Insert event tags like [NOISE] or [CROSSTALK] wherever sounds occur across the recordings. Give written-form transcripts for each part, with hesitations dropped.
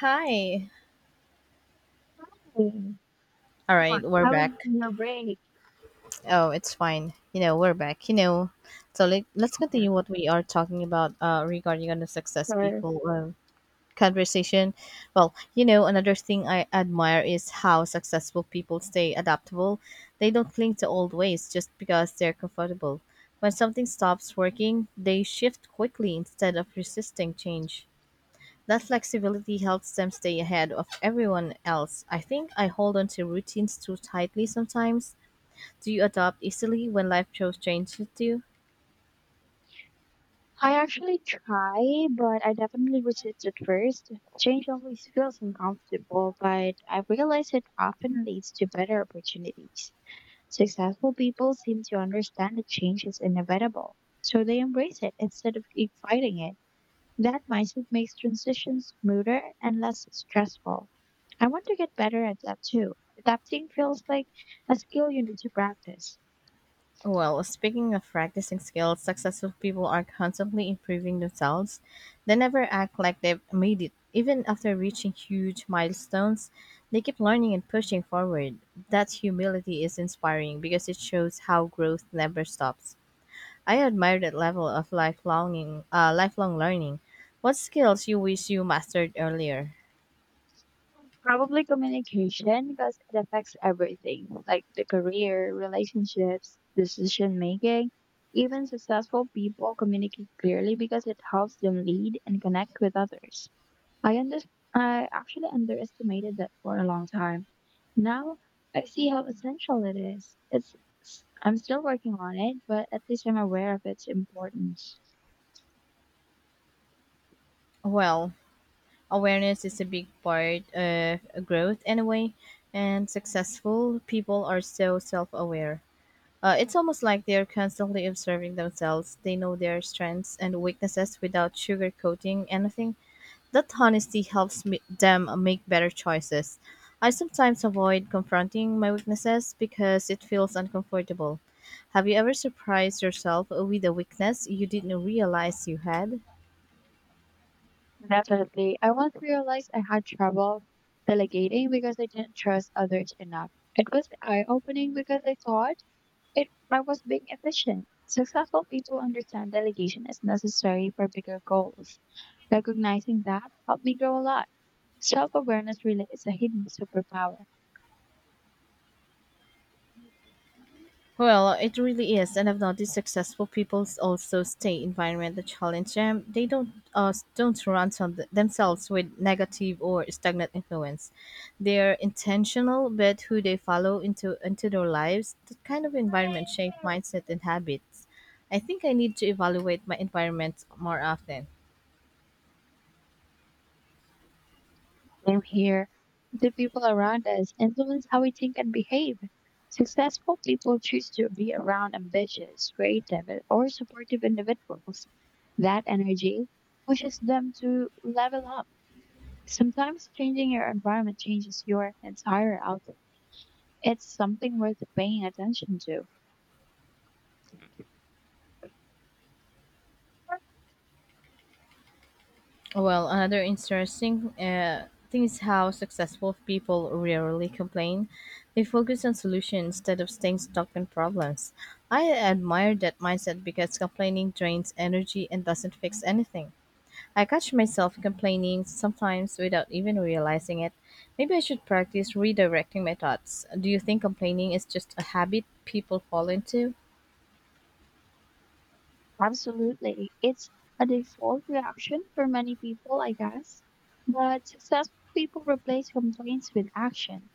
Hi. Hmm, All What? right, we're How was back. your break? Oh, it's fine. We're back. Let's Yeah, continue what we are talking about regarding on the success sure. people conversation. Well, another thing I admire is how successful people stay adaptable. They don't cling to old ways just because they're comfortable. When something stops working, they shift quickly instead of resisting change. That flexibility helps them stay ahead of everyone else. I think I hold on to routines too tightly sometimes. Do you adapt easily when life throws changes at you? I actually try, but I definitely resist at first. Change always feels uncomfortable, but I realize it often leads to better opportunities. Successful people seem to understand that change is inevitable, so they embrace it instead of keep fighting it. That mindset makes transitions smoother and less stressful. I want to get better at that too. Adapting feels like a skill you need to practice. Well, speaking of practicing skills, successful people are constantly improving themselves. They never act like they've made it. Even after reaching huge milestones, they keep learning and pushing forward. That humility is inspiring because it shows how growth never stops. I admire that level of lifelong lifelong learning. What skills you wish you mastered earlier? Probably communication because it affects everything, like the career, relationships, decision making. Even successful people communicate clearly because it helps them lead and connect with others. I under- I actually underestimated that for a long time. Now I see how essential it is. It's I'm still working on it, but at least I'm aware of its importance. Well, awareness is a big part of growth anyway, and successful people are so self-aware. It's almost like they're constantly observing themselves. They know their strengths and weaknesses without sugarcoating anything. That honesty them make better choices. I sometimes avoid confronting my weaknesses because it feels uncomfortable. Have you ever surprised yourself with a weakness you didn't realize you had? Definitely. I once realized I had trouble delegating because I didn't trust others enough. It was eye-opening because I thought it I was being efficient. Successful people understand delegation is necessary for bigger goals. Recognizing that helped me grow a lot. Self-awareness really is a hidden superpower. Well, it really is, and I've noticed successful people also stay environment that challenge them. They don't themselves with negative or stagnant influence. They're intentional, but who they follow into their lives, that kind of environment shape mindset and habits. I think I need to evaluate my environment more often. Blame here. The people around us influence how we think and behave. Successful people choose to be around ambitious, creative, or supportive individuals. That energy pushes them to level up. Sometimes changing your environment changes your entire outlook. It's something worth paying attention to. Well, another interesting thing is how successful people rarely complain. They focus on solutions instead of staying stuck in problems. I admire that mindset because complaining drains energy and doesn't fix anything. I catch myself complaining sometimes without even realizing it. Maybe I should practice redirecting my thoughts. Do you think complaining is just a habit people fall into? Absolutely. It's a default reaction for many people, I guess. But successful people replace complaints with action.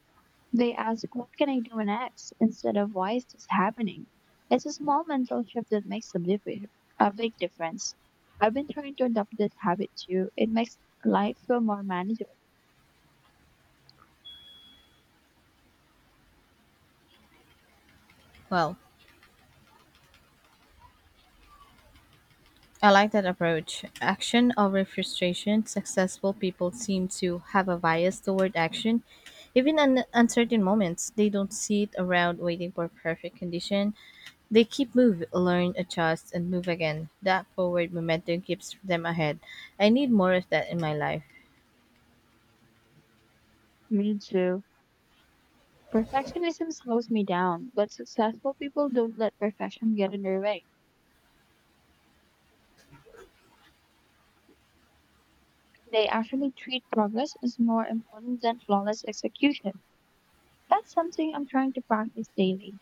They ask, "What can I do next?" instead of "Why is this happening?" It's a small mental shift that makes a big difference. I've been trying to adopt that habit too. It makes life feel more manageable. Well, I like that approach. Action over frustration. Successful people seem to have a bias toward action. Even in uncertain moments, they don't sit around waiting for perfect condition. They keep move, learn, adjust, and move again. That forward momentum keeps them ahead. I need more of that in my life. Me too. Perfectionism slows me down, but successful people don't let perfection get in their way. They actually treat progress as more important than flawless execution. That's something I'm trying to practice daily.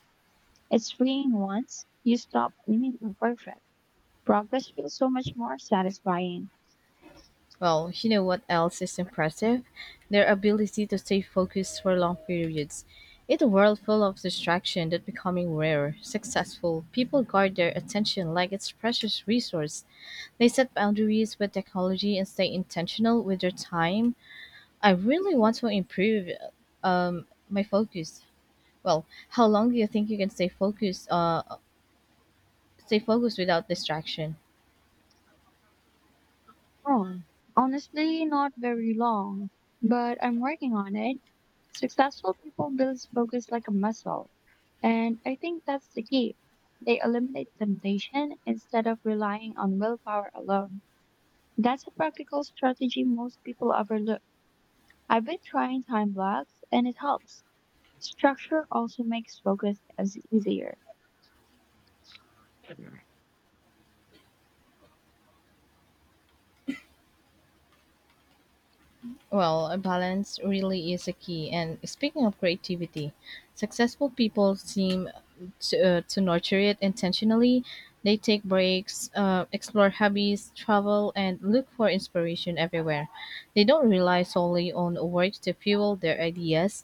It's freeing once you stop aiming for perfect. Progress feels so much more satisfying. Well, you know what else is impressive? Their ability to stay focused for long periods. In a world full of distraction that becoming rare, successful people guard their attention like it's precious resource. They set boundaries with technology and stay intentional with their time. I really want to improve my focus. Well, how long do you think you can stay focused? Stay focused without distraction. Oh, honestly, not very long, but I'm working on it. Successful people build focus like a muscle, and I think that's the key. They eliminate temptation instead of relying on willpower alone. That's a practical strategy most people overlook. I've been trying time blocks and it helps. Structure also makes focus as easier. Well, a balance really is a key. And speaking of creativity, successful people seem to nurture it intentionally. They take breaks, explore hobbies, travel, and look for inspiration everywhere. They don't rely solely on work to fuel their ideas.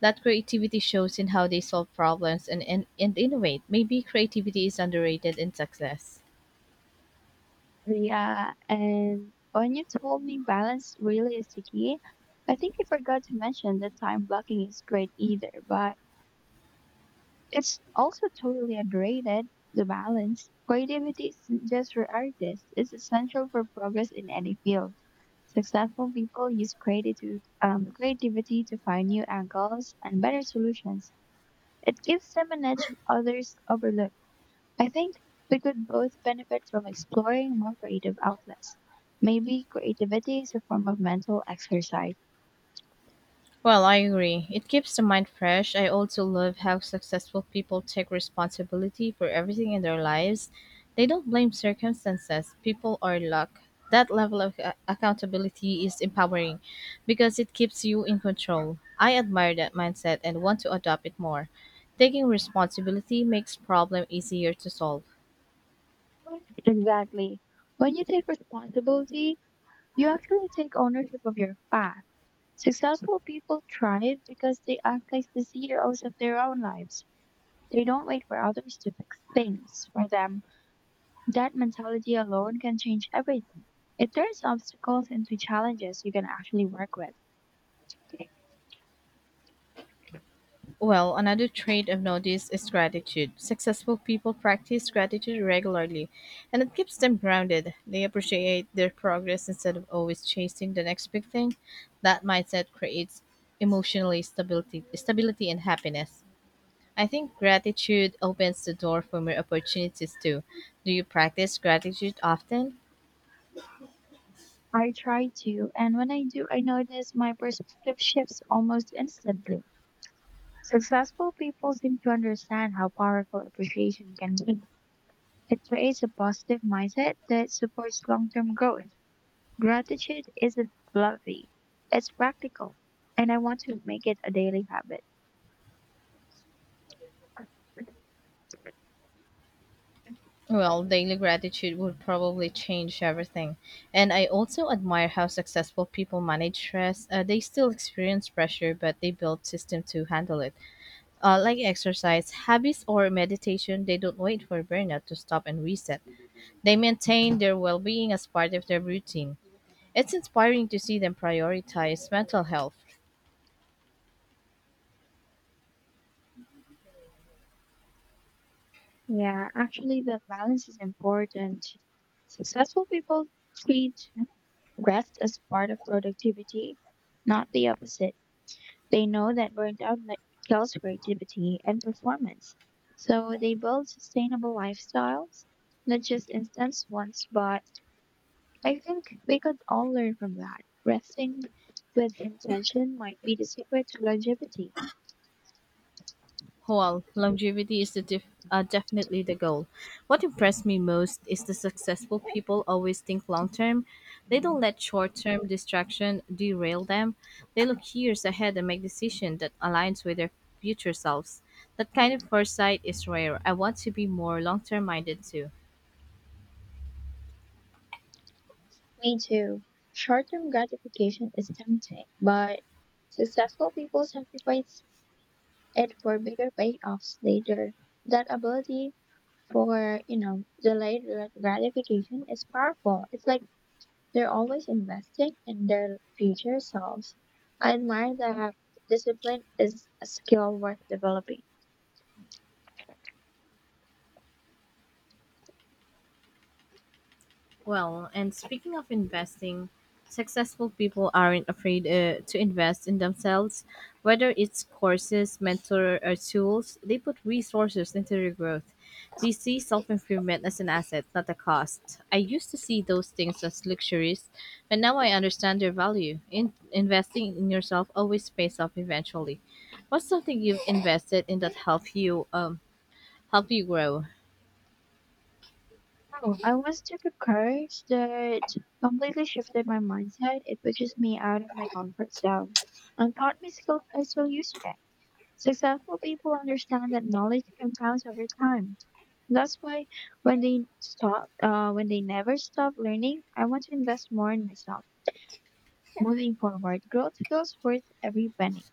That creativity shows in how they solve problems and innovate. Maybe creativity is underrated in success. Yeah, and when you told me balance really is the key, I think you forgot to mention that time blocking is great either, but it's also totally underrated, the balance. Creativity isn't just for artists, it's essential for progress in any field. Successful people use creativity to find new angles and better solutions. It gives them an edge others overlook. I think we could both benefit from exploring more creative outlets. Maybe creativity is a form of mental exercise. Well, I agree. It keeps the mind fresh. I also love how successful people take responsibility for everything in their lives. They don't blame circumstances, people, or luck. That level of accountability is empowering because it keeps you in control. I admire that mindset and want to adopt it more. Taking responsibility makes problem easier to solve. Exactly. When you take responsibility, you actually take ownership of your path. Successful people thrive because they act like the CEOs of their own lives. They don't wait for others to fix things for them. That mentality alone can change everything. It turns obstacles into challenges you can actually work with. Well, another trait I've noticed is gratitude. Successful people practice gratitude regularly, and it keeps them grounded. They appreciate their progress instead of always chasing the next big thing. That mindset creates stability and happiness. I think gratitude opens the door for more opportunities too. Do you practice gratitude often? I try to, and when I do, I notice my perspective shifts almost instantly. Successful people seem to understand how powerful appreciation can be. It creates a positive mindset that supports long term growth. Gratitude isn't fluffy, it's practical, and I want to make it a daily habit. Well, daily gratitude would probably change everything. And I also admire how successful people manage stress. They still experience pressure, but they build system to handle it. Like exercise, habits, or meditation, they don't wait for burnout to stop and reset. They maintain their well being as part of their routine. It's inspiring to see them prioritize mental health. Yeah, actually, the balance is important. Successful people treat rest as part of productivity, not the opposite. They know that kills creativity and performance. So they build sustainable lifestyles, not just instant ones, but I think we could all learn from that. Resting with intention might be the secret to longevity. Well, longevity is definitely the goal. What impressed me most is the successful people always think long term. They don't let short term distraction derail them. They look years ahead and make decisions that aligns with their future selves. That kind of foresight is rare. I want to be more long term minded too. Me too. Short term gratification is tempting, but successful people sacrifice it for bigger payoffs later. That ability for, you know, gratification is powerful. It's like they're always investing in their future selves. I admire that discipline is a skill worth developing. Well, and speaking of investing, successful people aren't afraid to invest in themselves. Whether it's courses, mentor, or tools, they put resources into their growth. They see self improvement as an asset, not a cost. I used to see those things as luxuries, but now I understand their value. Investing in yourself always pays off eventually. What's something you've invested in that help you grow? Oh, I once took a course that completely shifted my mindset. It pushes me out of my comfort zone and taught me skills I still use today. Successful people understand that knowledge compounds over time. That's why when they never stop learning, I want to invest more in myself. Moving forward, growth feels worth every penny.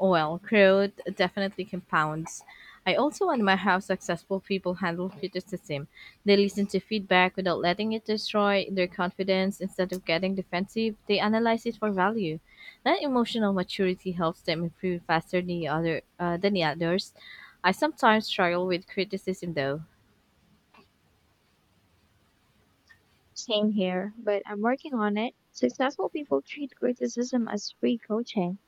Well, growth definitely compounds. I also admire how successful people handle criticism. They listen to feedback without letting it destroy their confidence. Instead of getting defensive, they analyze it for value. That emotional maturity helps them improve faster than the others. I sometimes struggle with criticism though. Same here, but I'm working on it. Successful people treat criticism as free coaching.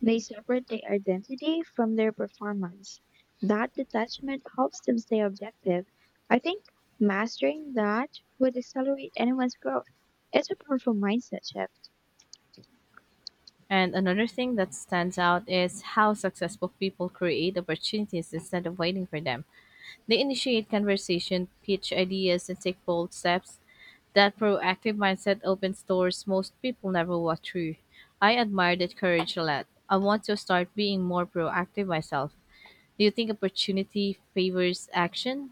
They separate their identity from their performance. That detachment helps them stay objective. I think mastering that would accelerate anyone's growth. It's a powerful mindset shift. And another thing that stands out is how successful people create opportunities instead of waiting for them. They initiate conversation, pitch ideas, and take bold steps. That proactive mindset opens doors most people never walk through. I admire that courage a lot. I want to start being more proactive myself. Do you think opportunity favors action?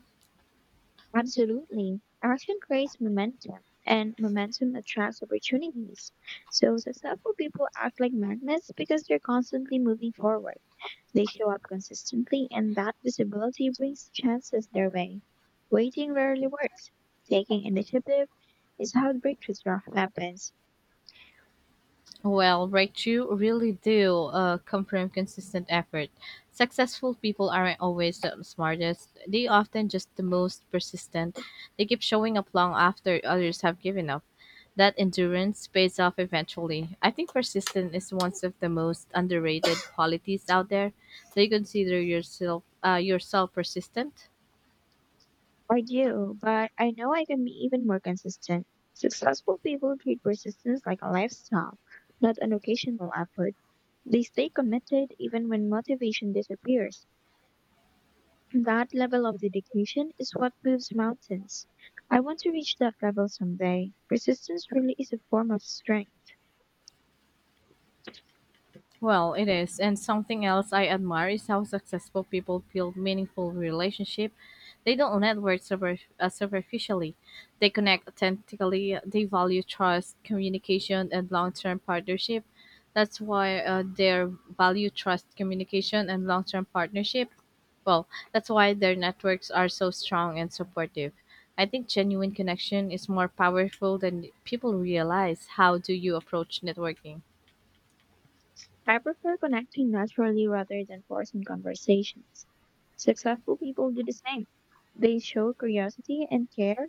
Absolutely. Action creates momentum, and momentum attracts opportunities. So, successful people act like magnets because they're constantly moving forward. They show up consistently, and that visibility brings chances their way. Waiting rarely works. Taking initiative is how happens. Well, right, you really do come from consistent effort. Successful people aren't always the smartest, they often just the most persistent. They keep showing up long after others have given up. That endurance pays off eventually. I think persistence is one of the most underrated qualities out there. Do you consider yourself persistent? I do, but I know I can be even more consistent. Successful people treat persistence like a lifestyle, not an occasional effort. They stay committed even when motivation disappears. That level of dedication is what moves mountains. I want to reach that level someday. Persistence really is a form of strength. Well, it is. And something else I admire is how successful people build meaningful relationship. They don't network super, superficially. They connect authentically. They value trust, communication, and long-term partnership. That's why their value trust, communication, and long-term partnership. Well, that's why their networks are so strong and supportive. I think genuine connection is more powerful than people realize. How do you approach networking? I prefer connecting naturally rather than forcing conversations. Successful people do the same. They show curiosity and care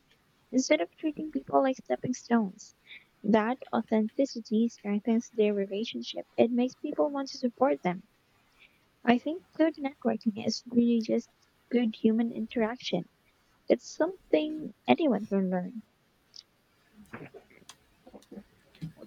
instead of treating people like stepping stones. That authenticity strengthens their relationship. It makes people want to support them. I think good networking is really just good human interaction. It's something anyone can learn.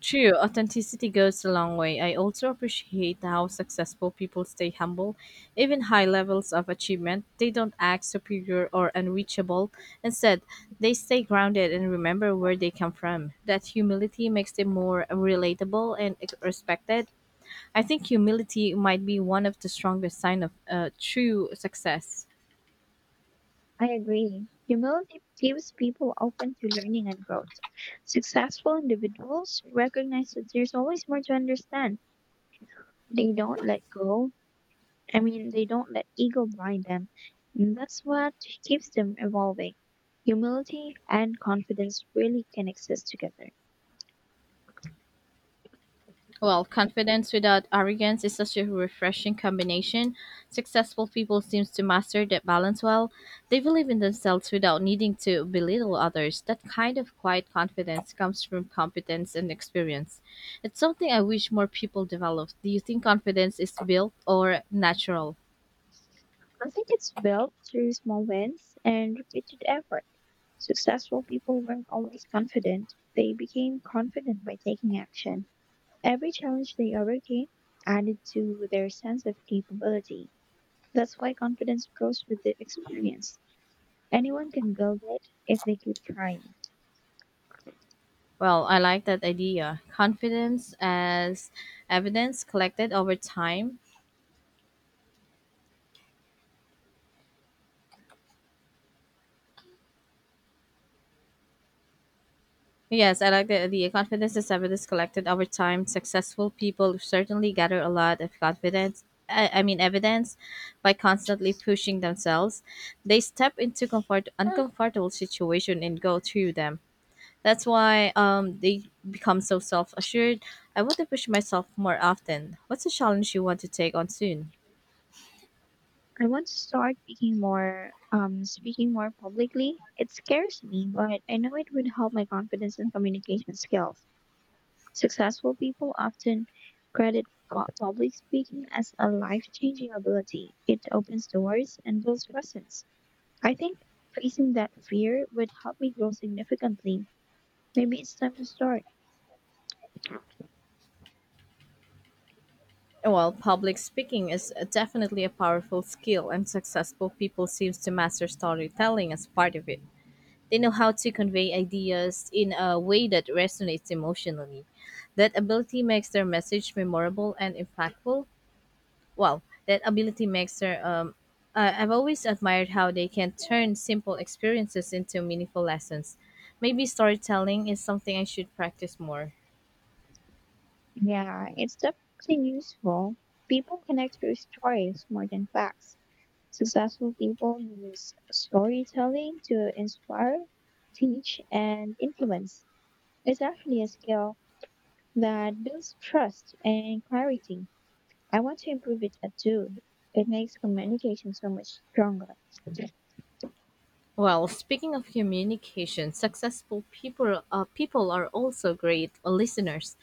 True, authenticity goes a long way. I also appreciate how successful people stay humble. Even high levels of achievement, they don't act superior or unreachable. Instead, they stay grounded and remember where they come from. That humility makes them more relatable and respected. I think humility might be one of the strongest sign of true success. I agree. Humility keeps people open to learning and growth. Successful individuals recognize that there's always more to understand. They don't let go. They don't let ego blind them. And that's what keeps them evolving. Humility and confidence really can exist together. Well, confidence without arrogance is such a refreshing combination. Successful people seem to master that balance well. They believe in themselves without needing to belittle others. That kind of quiet confidence comes from competence and experience. It's something I wish more people developed. Do you think confidence is built or natural? I think it's built through small wins and repeated effort. Successful people weren't always confident. They became confident by taking action. Every challenge they overcame added to their sense of capability. That's why confidence grows with the experience. Anyone can build it if they keep trying. Well, I like that idea. Confidence as evidence collected over time. Yes, I like the confidence is evidence collected over time. Successful people certainly gather a lot of confidence. I mean evidence by constantly pushing themselves. They step into comfort uncomfortable situation and go through them. That's why they become so self assured. I want to push myself more often. What's a challenge you want to take on soon? I want to speaking more publicly. It scares me, but I know it would help my confidence and communication skills. Successful people often credit public speaking as a life-changing ability. It opens doors and builds presence. I think facing that fear would help me grow significantly. Maybe it's time to start. Well, public speaking is definitely a powerful skill, and successful people seems to master storytelling as part of it. They know how to convey ideas in a way that resonates emotionally. That ability makes their message memorable and impactful. Well, that ability makes their I've always admired how they can turn simple experiences into meaningful lessons. Maybe storytelling is something I should practice more. Yeah, it's definitely useful. People connect through stories more than facts. Successful people use storytelling to inspire, teach, and influence. It's actually a skill that builds trust and clarity. I want to improve it too. It makes communication so much stronger. Well, speaking of communication, successful people people are also great listeners.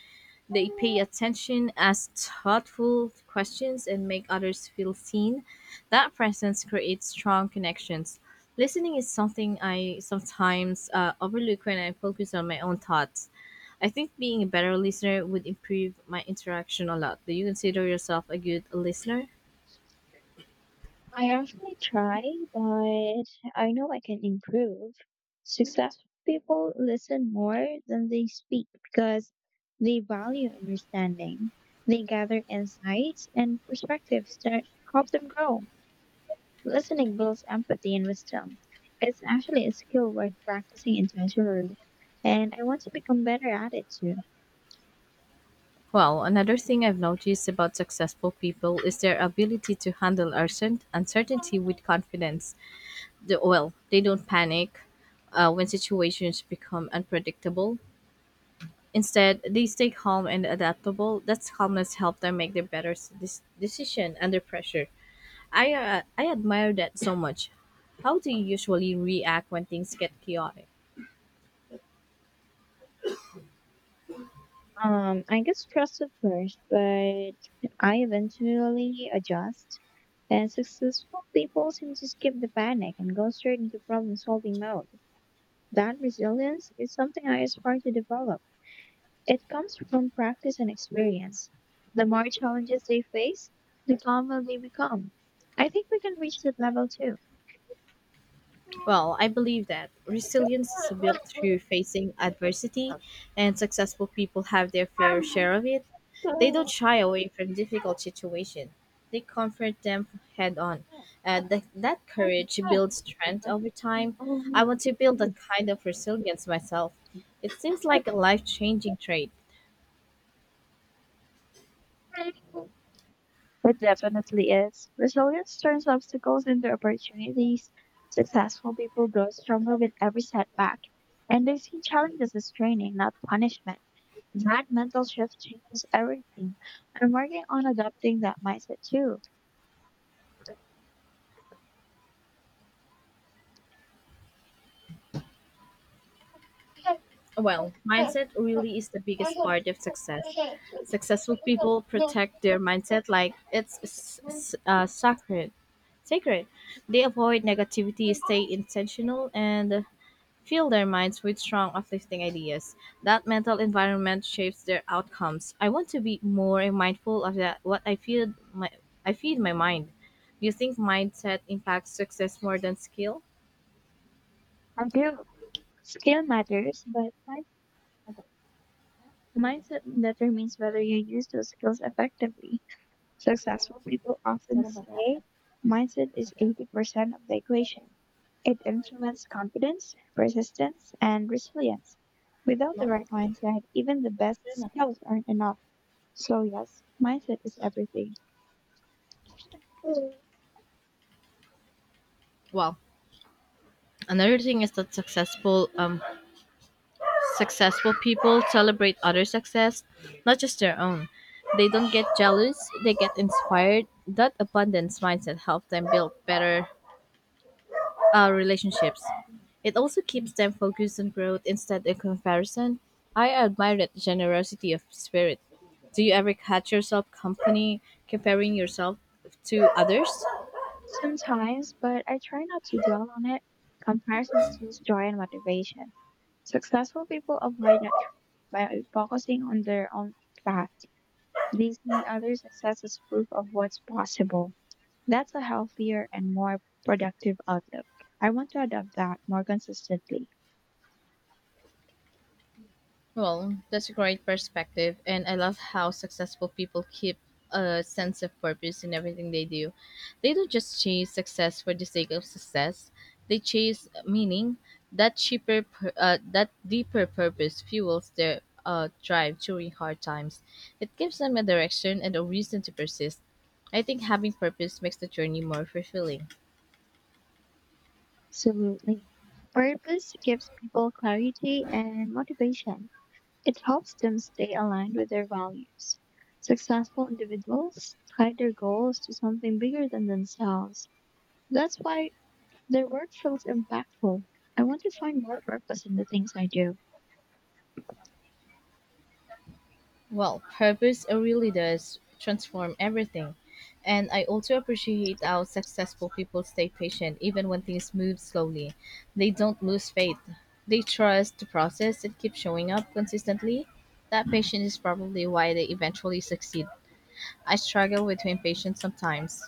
They pay attention, ask thoughtful questions, and make others feel seen. That presence creates strong connections. Listening is something I sometimes overlook when I focus on my own thoughts. I think being a better listener would improve my interaction a lot. Do you consider yourself a good listener? I actually try, but I know I can improve. Successful people listen more than they speak because they value understanding. They gather insights and perspectives that help them grow. Listening builds empathy and wisdom. It's actually a skill worth practicing intentionally, and I want to become better at it too. Well, another thing I've noticed about successful people is their ability to handle uncertainty with confidence. Well, they don't panic when situations become unpredictable. Instead, they stay calm and adaptable. That calmness helps them make their decision under pressure. I admire that so much. How do you usually react when things get chaotic? I get stressed at first, but I eventually adjust. And successful people seem to skip the panic and go straight into problem solving mode. That resilience is something I aspire to develop. It comes from practice and experience. The more challenges they face, the calmer they become. I think we can reach that level too. Well, I believe that resilience is built through facing adversity, and successful people have their fair share of it. They don't shy away from difficult situations, they confront them head on. And that courage builds strength over time. I want to build that kind of resilience myself. It seems like a life changing trait. It definitely is. Resilience turns obstacles into opportunities. Successful people grow stronger with every setback, and they see challenges as training, not punishment. That mental shift changes everything. I'm working on adopting that mindset too. Well, mindset really is the biggest I part of success. Successful people protect their mindset like it's sacred. They avoid negativity, stay intentional, and fill their minds with strong, uplifting ideas. That mental environment shapes their outcomes. I want to be more mindful of that. What I feel, my I feed my mind. Do you think mindset impacts success more than skill? do. Skill matters, but my mindset determines whether you use those skills effectively. Successful people often say mindset is 80% of the equation. It influences confidence, persistence, and resilience. Without the right mindset, even the best skills aren't enough. So, yes, mindset is everything. Mm. Well, Another thing is that successful people celebrate other success, not just their own. They don't get jealous, they get inspired. That abundance mindset helps them build better relationships. It also keeps them focused on growth instead of comparison. I admire that generosity of spirit. Do you ever catch yourself company comparing yourself to others? Sometimes, but I try not to dwell on it. Comparison steals joy and motivation. Successful people avoid by focusing on their own path. They see other success as proof of what's possible. That's a healthier and more productive outlook. I want to adopt that more consistently. Well, that's a great perspective, and I love how successful people keep a sense of purpose in everything they do. They don't just chase success for the sake of success; they chase meaning. That deeper purpose fuels their drive during hard times. It gives them a direction and a reason to persist. I think having purpose makes the journey more fulfilling. Absolutely. Purpose gives people clarity and motivation. It helps them stay aligned with their values. Successful individuals tie their goals to something bigger than themselves. That's why their work feels impactful. I want to find more purpose in the things I do. Well, purpose really does transform everything. And I also appreciate how successful people stay patient even when things move slowly. They don't lose faith. They trust the process and keep showing up consistently. That patience is probably why they eventually succeed. I struggle with impatience sometimes.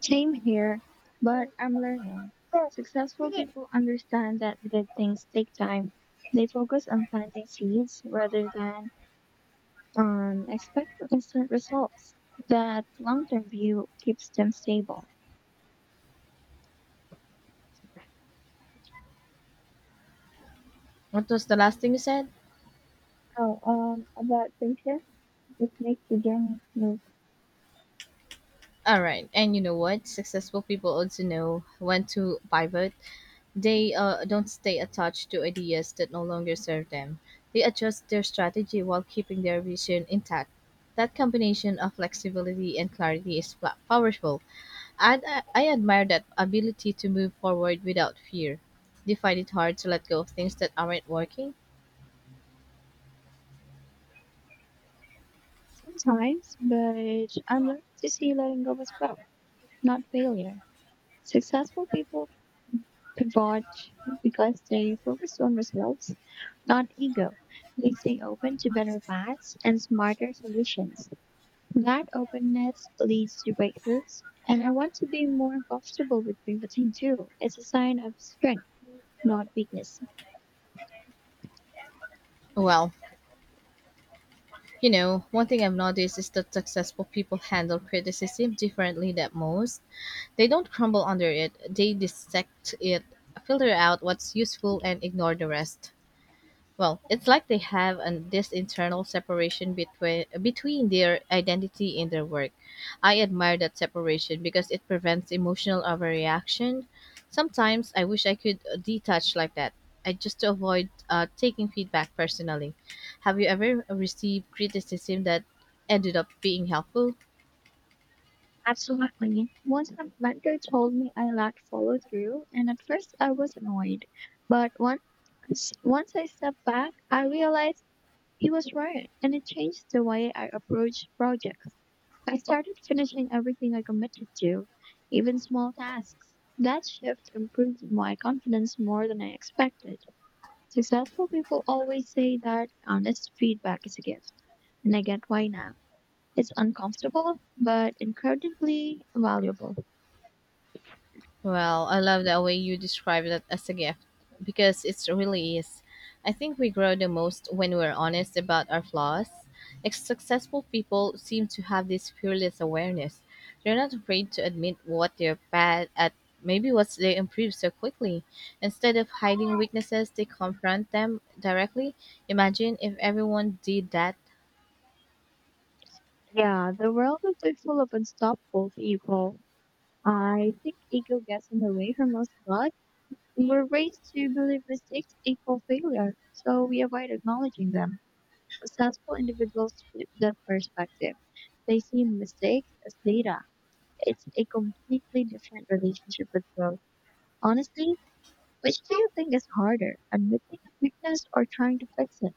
Same here, but I'm learning. Successful people understand that good things take time. They focus on planting seeds rather than on expecting instant results. That long-term view keeps them stable. What was the last thing you said? Oh, about patience, it makes the journey smooth All right. And you know what? Successful people also know when to pivot. They don't stay attached to ideas that no longer serve them. They adjust their strategy while keeping their vision intact. That combination of flexibility and clarity is powerful. I admire that ability to move forward without fear. Do you find it hard to let go of things that aren't working? sometimes, but I'm learning to see letting go as growth, not failure. Successful people pivot because they focus on results, not ego. They stay open to better paths and smarter solutions. That openness leads to breakthroughs, and I want to be more comfortable with pivoting too. It's a sign of strength, not weakness. Well, you know, one thing I've noticed is that successful people handle criticism differently than most. They don't crumble under it, they dissect it, filter out what's useful, and ignore the rest. Well, it's like they have this internal separation between their identity and their work. I admire that separation because it prevents emotional overreaction. Sometimes I wish I could detach like that, I just to avoid taking feedback personally. Have you ever received criticism that ended up being helpful? Absolutely. Once my mentor told me I lacked follow through, and at first I was annoyed, but once I stepped back, I realized he was right, and it changed the way I approached projects. I started finishing everything I committed to, even small tasks. That shift improved my confidence more than I expected. Successful people always say that honest feedback is a gift, and I get why now. It's uncomfortable, but incredibly valuable. Well, I love the way you describe that as a gift because it really is. I think we grow the most when we're honest about our flaws. Successful people seem to have this fearless awareness. They're not afraid to admit what they're bad at, maybe what they improve so quickly. Instead of hiding weaknesses, they confront them directly. Imagine if everyone did that. Yeah, the world is too full of unstoppable people. I think ego gets in the way for most of us. We're raised to believe mistakes equal failure, so we avoid acknowledging them. Successful individuals flip that perspective. They see mistakes as data. It's a completely different relationship with growth. Honestly, which do you think is harder, admitting a weakness or trying to fix it?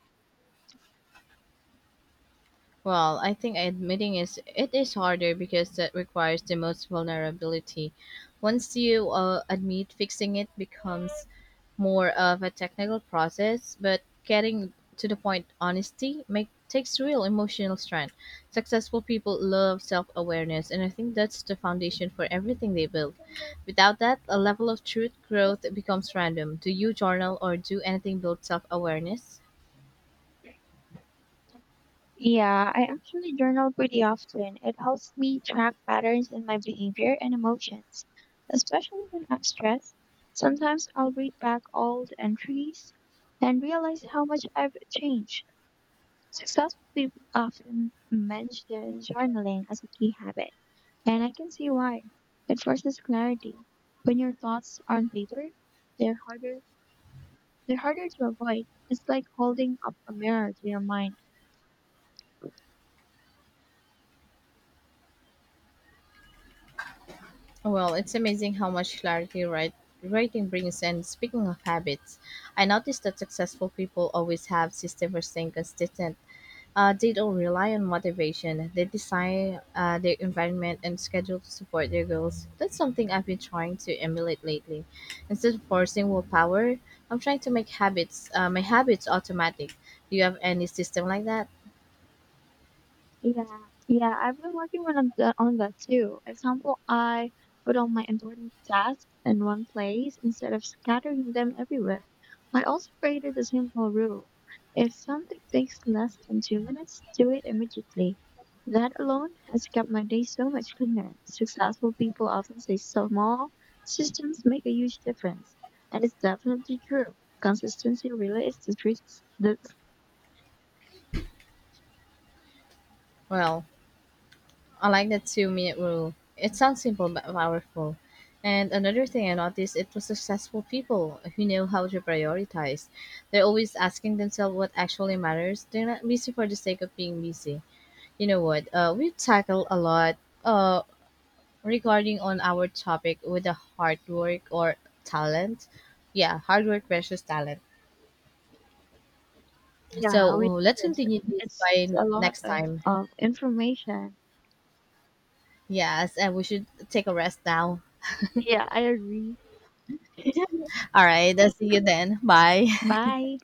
Well, I think admitting is harder because that requires the most vulnerability. Once you admit, fixing it becomes more of a technical process, but getting to the point honesty make takes real emotional strength. Successful people love self-awareness, and I think that's the foundation for everything they build. Without that, a level of truth growth becomes random. Do you journal or do anything build self-awareness? Yeah, I actually journal pretty often. It helps me track patterns in my behavior and emotions, especially when I'm stressed. Sometimes I'll read back old entries and realize how much I've changed. Successful people often mention journaling as a key habit, and I can see why. It forces clarity. When your thoughts are on paper, they're harder they're harder to avoid. It's like holding up a mirror to your mind. Well, it's amazing how much clarity writing brings. And speaking of habits, I noticed that successful people always have system for staying consistent. They don't rely on motivation. They design their environment and schedule to support their goals. That's something I've been trying to emulate lately. Instead of forcing willpower, I'm trying to make habits my habits automatic. Do you have any system like that? Yeah, yeah, I've been working on that too. Example, I put all my important tasks in one place instead of scattering them everywhere. I also created a simple rule. If something takes less than 2 minutes, do it immediately. That alone has kept my day so much cleaner. Successful people often say small systems make a huge difference, and it's definitely true. Consistency really is the Well, I like the 2-minute rule. It sounds simple but powerful. And another thing I noticed it was successful people who know how to prioritize. They're always asking themselves what actually matters. They're not busy for the sake of being busy. You know what? We tackle a lot uh, regarding on our topic with the hard work or talent. Yeah, hard work versus talent. So Yeah, we let's did. continue this It's by a lot next of time. of information. Yes, and we should take a rest now. Yeah, I agree. [LAUGHS] All right, I'll see you then. Bye. Bye.